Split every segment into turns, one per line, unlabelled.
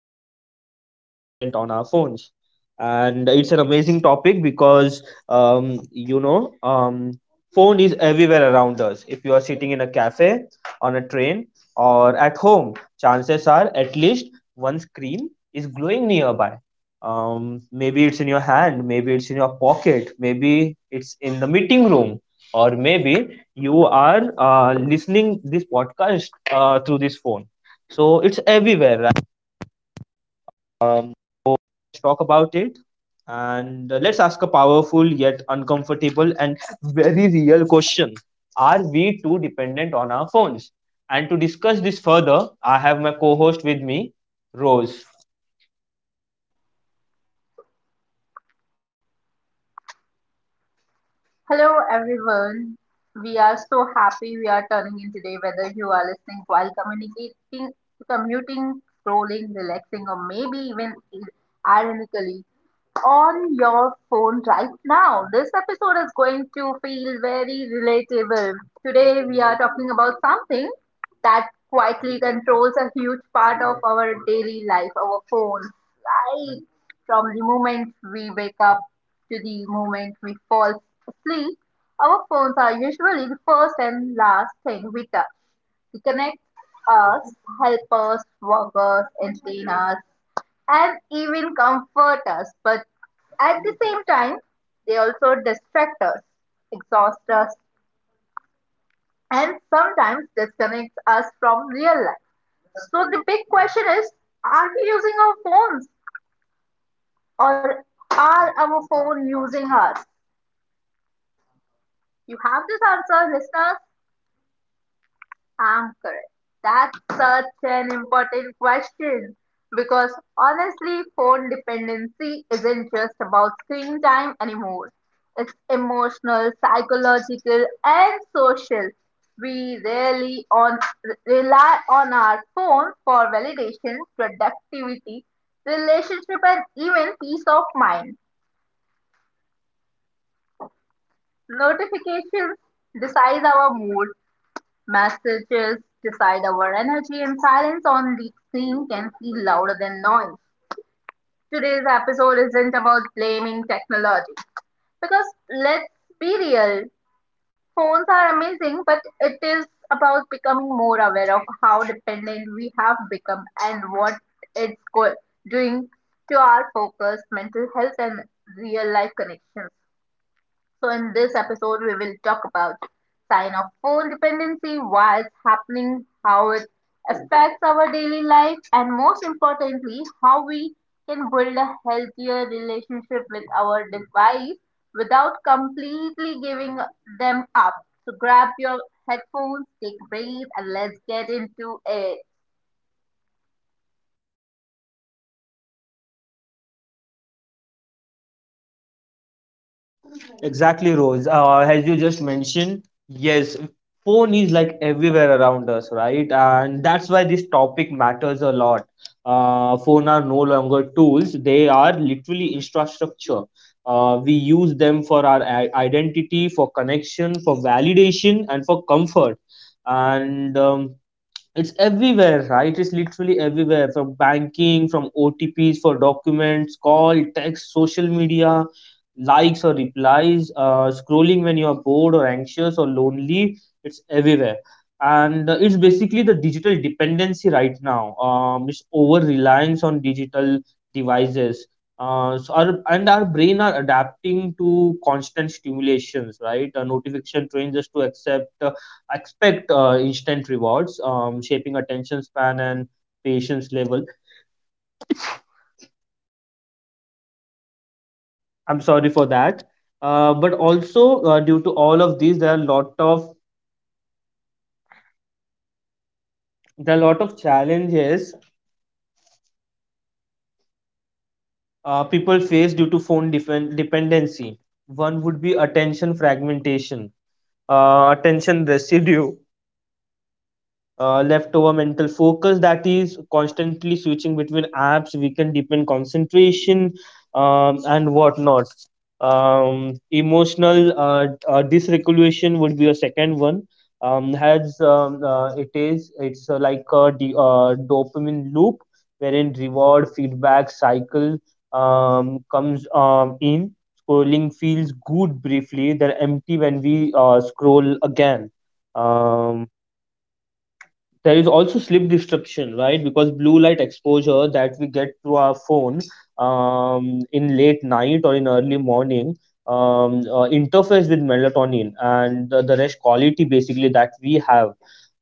is, are we too dependent on our phones? And it's an amazing topic because, um, you know, um, phone is everywhere around us. If you are sitting in a cafe, on a train, or at home, chances are at least one screen is glowing nearby. Maybe it's in your hand, maybe it's in your pocket, maybe it's in the meeting room, or maybe you are listening this podcast through this phone, so it's everywhere, right? um, so let's talk about it, and let's ask a powerful yet uncomfortable and very real question, are we too dependent on our phones, and to discuss this further I have my co-host with me, Rose.
Hello everyone. We are so happy we are turning in today whether you are listening while communicating commuting, scrolling, relaxing or maybe even ironically on your phone right now. This episode is going to feel very relatable. Today, we are talking about something that quietly controls a huge part of our daily life, our phones. Right from the moment we wake up to the moment we fall asleep, our phones are usually the first and last thing we touch. They connect us, help us, work us, entertain us, and even comfort us, but at the same time, they also distract us, exhaust us, and sometimes disconnect us from real life. So the big question is, are we using our phones or are our phone using us? You have this answer, listeners. Anchor. That's such an important question because honestly, phone dependency isn't just about screen time anymore. It's emotional, psychological, and social. We rely on our phone for validation, productivity, relationship, and even peace of mind. Notifications decide our mood, messages decide our energy, and silence on the screen can feel louder than noise. Today's episode isn't about blaming technology. Because let's be real, phones are amazing, but it is about becoming more aware of how dependent we have become and what it's doing to our focus, mental health, and real life connections. So, in this episode, we will talk about sign of phone dependency, why it's happening, how it affects our daily life, and most importantly, how we can build a healthier relationship with our device without completely giving them up. So, grab your headphones, take a breath, and let's get into it.
Exactly, Rose. As you just mentioned, yes, phone is like everywhere around us, right? And that's why this topic matters a lot. Phone are no longer tools; they are literally infrastructure. We use them for our identity, for connection, for validation, and for comfort. And it's everywhere, right? It's literally everywhere, from banking, from OTPs for documents, call, text, social media, likes or replies, scrolling when you are bored or anxious or lonely. It's everywhere. And it's basically the digital dependency right now. It's over reliance on digital devices. And our brain are adapting to constant stimulations, right? Notification trains us to accept expect instant rewards, shaping attention span and patience level. I'm sorry for that. But also, due to all of these, there are lot of there are lot of challenges people face due to phone dependency. One would be attention fragmentation, attention residue, leftover mental focus that is constantly switching between apps we can deepen concentration and whatnot emotional dysregulation would be a second one. Has it is it's Like a dopamine loop wherein reward feedback cycle comes in, scrolling feels good briefly then empty when we scroll again. um there is also sleep disruption, right? Because blue light exposure that we get through our phone in late night or in early morning interferes with melatonin and the rest quality basically that we have.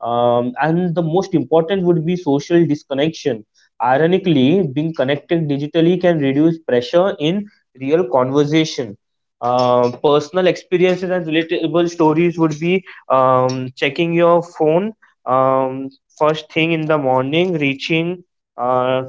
And the most important would be social disconnection. Ironically, being connected digitally can reduce pressure in real conversation. Personal experiences and relatable stories would be checking your phone um, first thing in the morning, uh,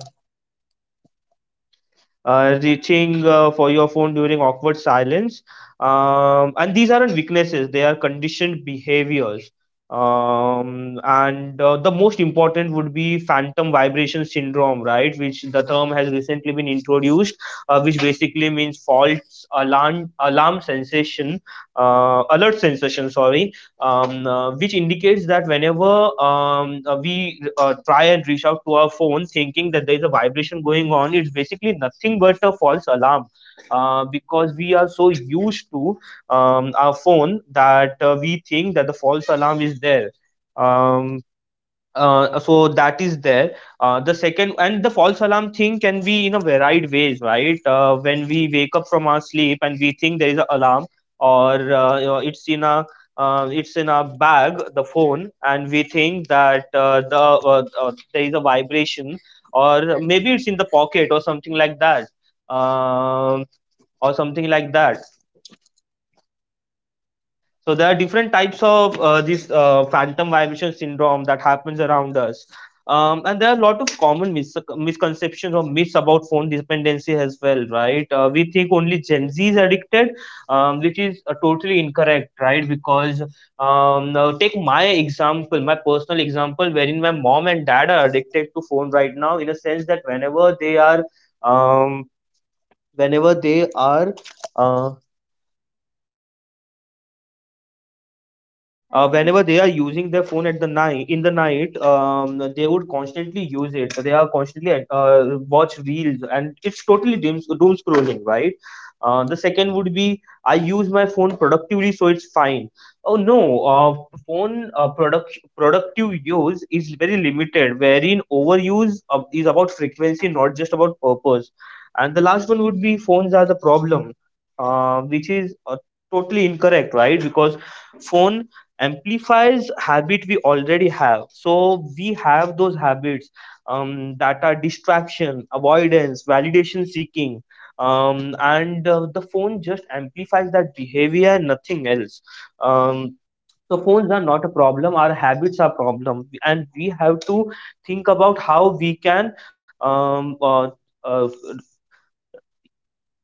reaching for your phone during awkward silence. And these aren't weaknesses; they are conditioned behaviors. And the most important would be phantom vibration syndrome, right? Which the term has recently been introduced, which basically means false alarm alarm sensation, alert sensation. Sorry. Which indicates that whenever we try and reach out to our phone thinking that there is a vibration going on, it's basically nothing but a false alarm, because we are so used to our phone that we think that the false alarm is there. Um, so that is there. The second, and the false alarm thing can be in a varied ways, right? When we wake up from our sleep and we think there is an alarm, or it's in a bag the phone and we think that there is a vibration, or maybe it's in the pocket or something like that, um, or something like that. So there are different types of this phantom vibration syndrome that happens around us. And there are a lot of common misconceptions or myths about phone dependency as well, right? We think only Gen Z is addicted, which is totally incorrect, right? Because now take my example, my personal example, wherein my mom and dad are addicted to phone right now, in a sense that whenever they are, um, whenever they are, uh, whenever they are using their phone at the night in the night, they would constantly use it, they are constantly watch reels and it's totally doom, doom scrolling, right? The second would be, I use my phone productively so it's fine. Oh no. Productive use is very limited wherein overuse is about frequency, not just about purpose. And the last one would be, phones are the problem, which is totally incorrect, right? Because phone amplifies habit we already have. So we have those habits that are distraction avoidance, validation seeking, and the phone just amplifies that behavior, nothing else. Um, so phones are not a problem, our habits are problem, and we have to think about how we can um, uh, uh,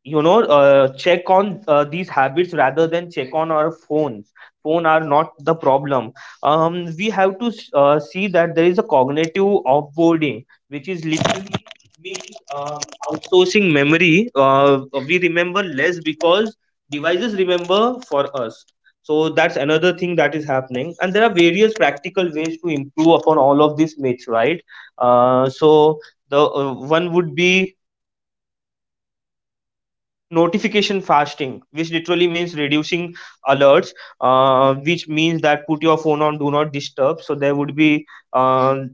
check on these habits rather than check on our phones. Phone are not the problem. We have to see that there is a cognitive offboarding, which is literally means outsourcing memory. We remember less because devices remember for us. So that's another thing that is happening, and there are various practical ways to improve upon all of this myths, right? Uh, so the uh, one would be notification fasting, which literally means reducing alerts, which means that put your phone on do not disturb, so there would be um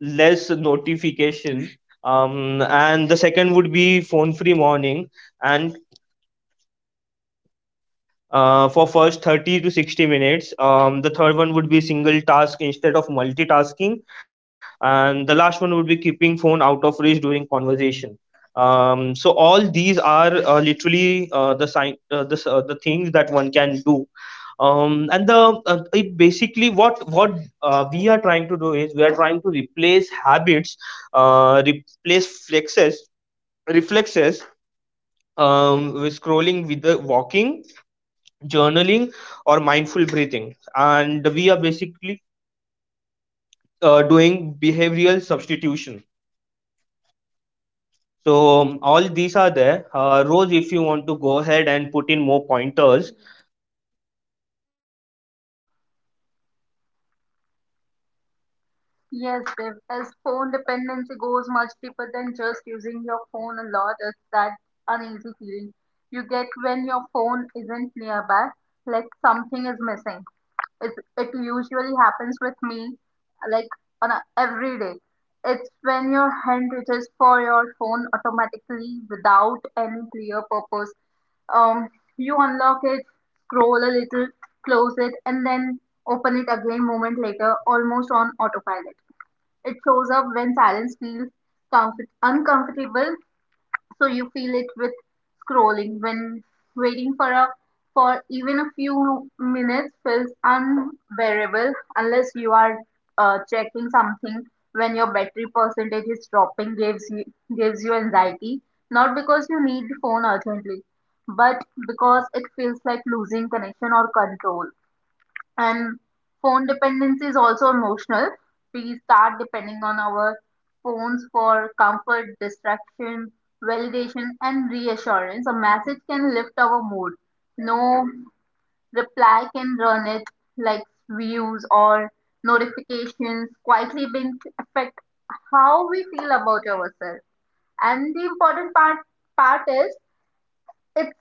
less notification. And the second would be phone free morning, and for first 30 to 60 minutes. The third one would be single task instead of multitasking, and the last one would be keeping phone out of reach during conversation. So all these are literally the sign the, s- the things that one can do. And the It basically, what we are trying to do is we are trying to replace habits, replace flexes reflexes with scrolling, with the walking, journaling, or mindful breathing, and we are basically doing behavioral substitution. So all these are there. Rose, if you want to go ahead and put in more pointers.
Yes, Dev, as phone dependency goes much deeper than just using your phone a lot, it's that uneasy feeling you get when your phone isn't nearby, like something is missing. It, it usually happens with me, like every day. It's when your hand reaches for your phone automatically without any clear purpose. Um, you unlock it, scroll a little, close it, and then open it again moment later, almost on autopilot. It shows up when silence feels uncomfortable, so you feel it with scrolling. When waiting for even a few minutes feels unbearable unless you are checking something, when your battery percentage is dropping gives you anxiety, not because you need the phone urgently, but because it feels like losing connection or control. And phone dependency is also emotional. We start depending on our phones for comfort, distraction, validation, and reassurance. A message can lift our mood. No reply can run it, like views or notifications quietly being affect how we feel about ourselves. And the important part is it's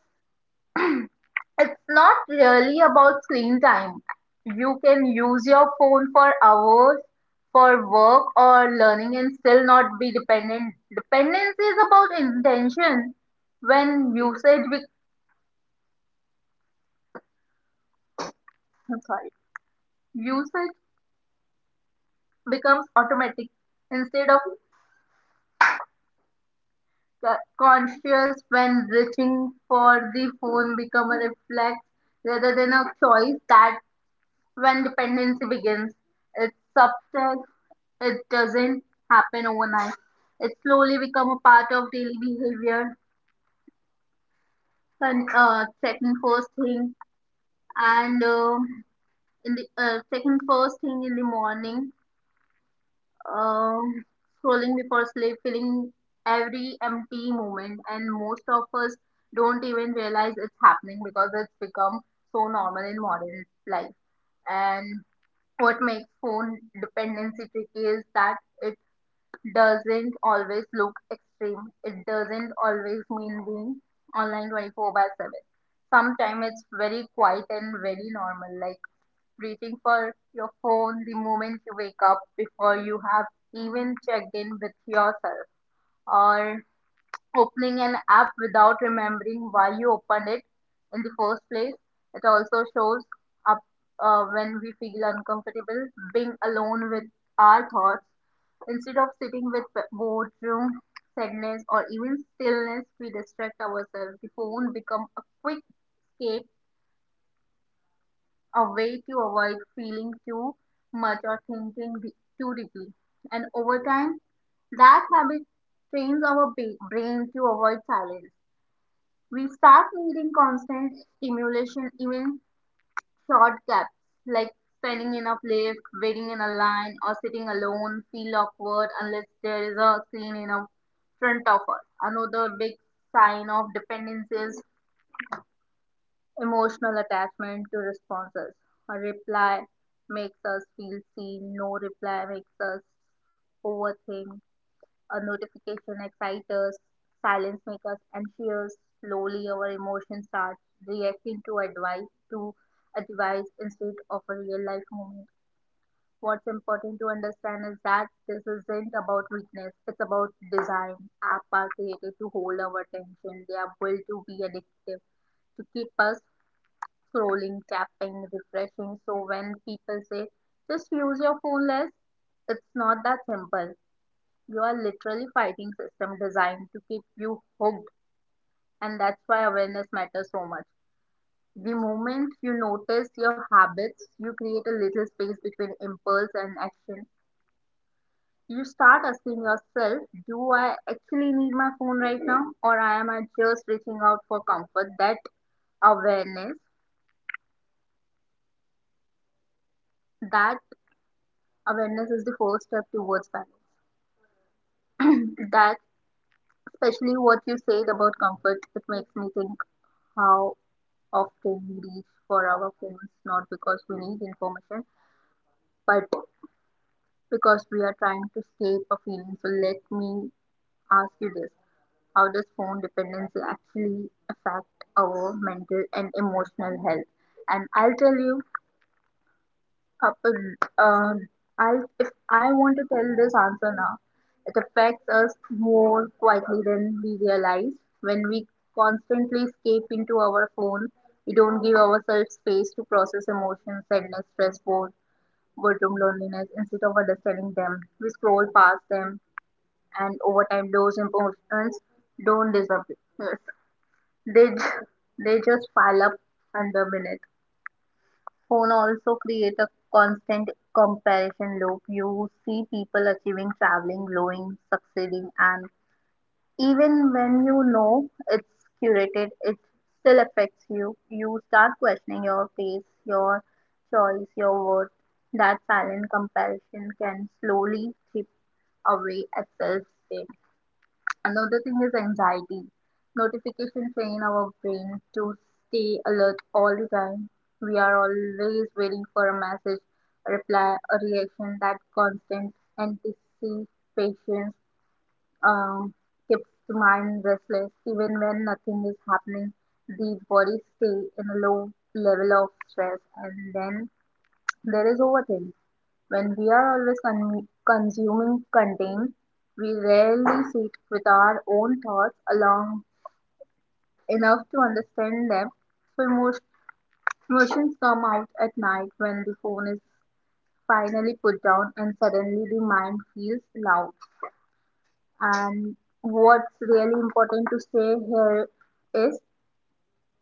it's not really about screen time. You can use your phone for hours for work or learning and still not be dependent. Dependency is about intention. When usage be- I'm sorry, usage becomes automatic instead of conscious, when reaching for the phone become a reflex rather than a choice. That, when dependency begins, it's subtle, it doesn't happen overnight. It slowly becomes a part of daily behavior. Con- checking first thing and in the checking first thing in the morning, um, scrolling before sleep, filling every empty moment, and most of us don't even realize it's happening because it's become so normal in modern life. And what makes phone dependency tricky is that it doesn't always look extreme. It doesn't always mean being online 24/7. Sometimes it's very quiet and very normal, like reaching for your phone the moment you wake up before you have even checked in with yourself, or opening an app without remembering why you opened it in the first place. It also shows up when we feel uncomfortable being alone with our thoughts. Instead of sitting with boredom, sadness, or even stillness, we distract ourselves. The phone becomes a quick escape, a way to avoid feeling too much or thinking too deeply. And over time, that habit trains our brain to avoid silence. We start needing constant stimulation, even short gaps like standing in a lift, waiting in a line, or sitting alone feel awkward unless there is a scene in a front of us. Another big sign of dependence is emotional attachment to responses. A reply makes us feel seen, no reply makes us overthink, a notification excites us, silence makes us anxious. Slowly, our emotions start reacting to to advice instead of a real life moment. What's important to understand is that this isn't about weakness; it's about design. Apps are created to hold our attention. They are built to be addictive, to keep us scrolling, tapping, refreshing. So when people say just use your phone less, it's not that simple. You are literally fighting system designed to keep you hooked, and that's why awareness matters so much. The moment you notice your habits, you create a little space between impulse and action. You start asking yourself, do I actually need my phone right now or am I just reaching out for comfort? Awareness, that awareness is the first step towards balance. that Especially what you said about comfort, it makes me think how often we reach for our phones not because we need information but because we are trying to escape a feeling. So let me ask you this. How does phone dependency actually affect our mental and emotional health? And I'll tell you, uh, uh, if I want to tell this answer now, it affects us more quietly than we realize. When we constantly escape into our phone, we don't give ourselves space to process emotions, sadness, stress, boredom, loneliness. Instead of understanding them, we scroll past them, and over time, those emotions don't disappear. Yes, They, ju- they just pile up under minutes. Phone also create a constant comparison loop. You see people achieving, traveling, glowing, succeeding, and even when you know it's curated, it still affects you. You start questioning your pace, your choice, your worth. That silent comparison can slowly chip away at self-esteem. Another thing is anxiety. Notifications train our brain to stay alert all the time. We are always waiting for a message, a reply, a reaction. That constant anticipation um, keeps the mind restless. Even when nothing is happening, the body stays in a low level of stress. And then there is overthinking, when we are always consuming content, we rarely sit with our own thoughts long enough to understand them. So emotions come out at night when the phone is finally put down and suddenly the mind feels loud. And what's really important to say here is,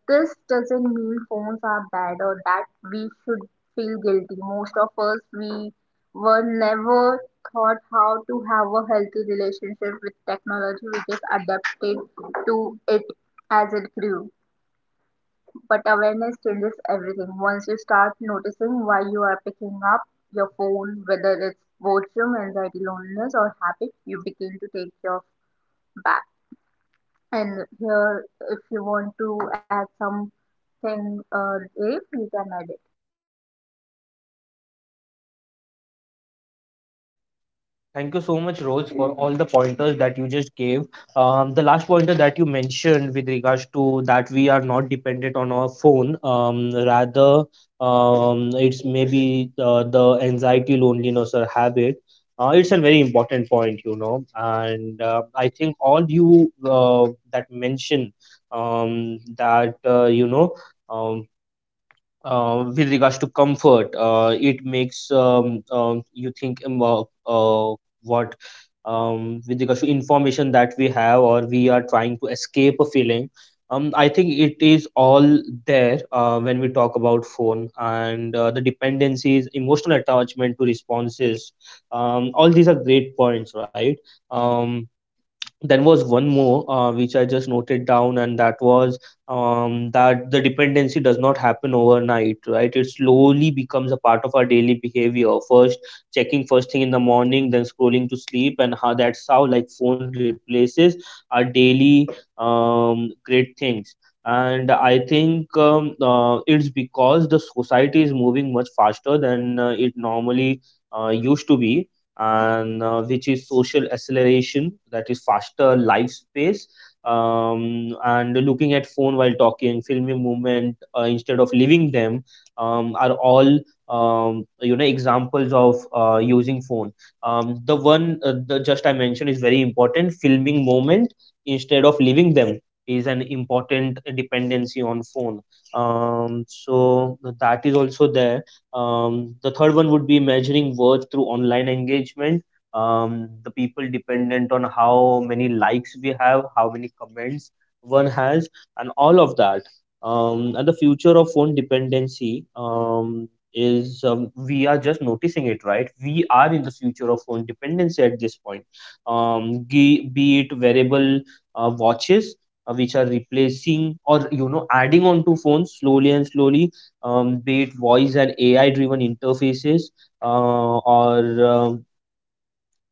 this doesn't mean phones are bad or that we should feel guilty. Most of us, we were never taught how to have a healthy relationship with technology. We just adapted to it as it grew. But awareness changes everything. Once you start noticing why you are picking up your phone, whether it's boredom, anxiety, loneliness, or habit, you begin to take your back. And here, if you want to add something, if you can add it.
Thank you so much, Rose, for all the pointers that you just gave. The last pointer that you mentioned with regards to that we are not dependent on our phone, rather, it's maybe the anxiety, loneliness, or habit. It's a very important point, you know, and I think all you that mention that you know. Um, with regards to comfort, it makes you think what with regards to information that we have, or we are trying to escape a feeling. I think it is all there. When we talk about phone and the dependencies, emotional attachment to responses. All these are great points, right? Um, then was one more which I just noted down, and that was that the dependency does not happen overnight, right? It slowly becomes a part of our daily behavior. First, checking first thing in the morning, then scrolling to sleep, and how that's how like phone replaces our daily great things. And I think it's because the society is moving much faster than it normally used to be, and which is social acceleration, that is faster life space, and looking at phone while talking, filming movement instead of leaving them, are all examples of using phone. The just I mentioned is very important, filming moment instead of leaving them is an important dependency on phone. So that is also there. The third one would be measuring worth through online engagement. The people dependent on how many likes we have, how many comments one has, and all of that. And the future of phone dependency is, we are just noticing it, right? We are in the future of phone dependency at this point. Be it wearable watches which are replacing, or you know, adding on to phones slowly and slowly, be it voice and AI driven interfaces, uh, or um,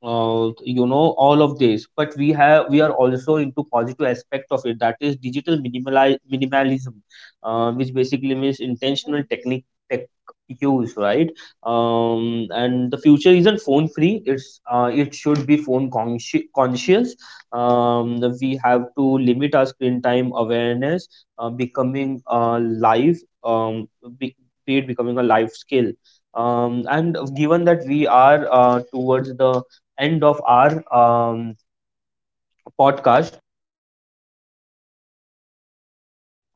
uh, you know all of this. But we are also into positive aspect of it, that is digital minimalism, which basically means intentional tech use, right? And the future isn't phone free, it should be phone conscious. We have to limit our screen time awareness, becoming a live be, be it becoming a life skill. And given that we are towards the end of our podcast.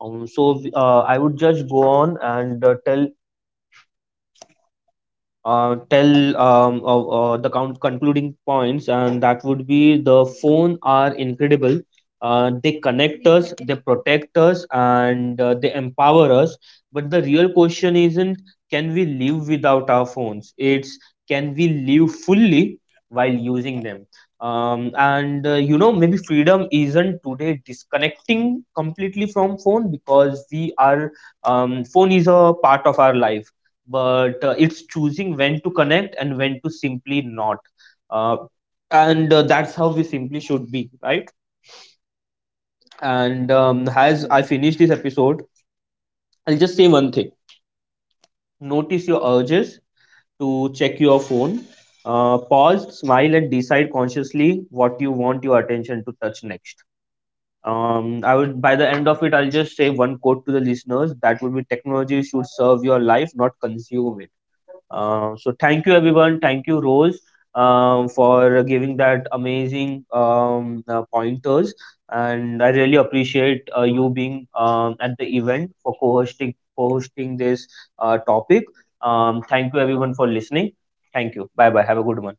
So I would just go on and tell tell the count concluding points, and that would be, the phone are incredible. They connect us, they protect us, and they empower us. But the real question isn't, can we live without our phones? It's, can we live fully while using them? Maybe freedom isn't today disconnecting completely from phone, because we are, phone is a part of our life, but it's choosing when to connect and when to simply not. Uh, and uh, that's how we simply should be, right? And as I finish this episode, I'll just say one thing. Notice your urges to check your phone. Pause, smile, and decide consciously what you want your attention to touch next. I would, by the end of it, I'll just say one quote to the listeners. That would be, technology should serve your life, not consume it. So thank you everyone. Thank you Rose, for giving that amazing pointers, and I really appreciate you being at the event for co-hosting this topic. Thank you everyone for listening. Thank you. Bye bye. Have a good one.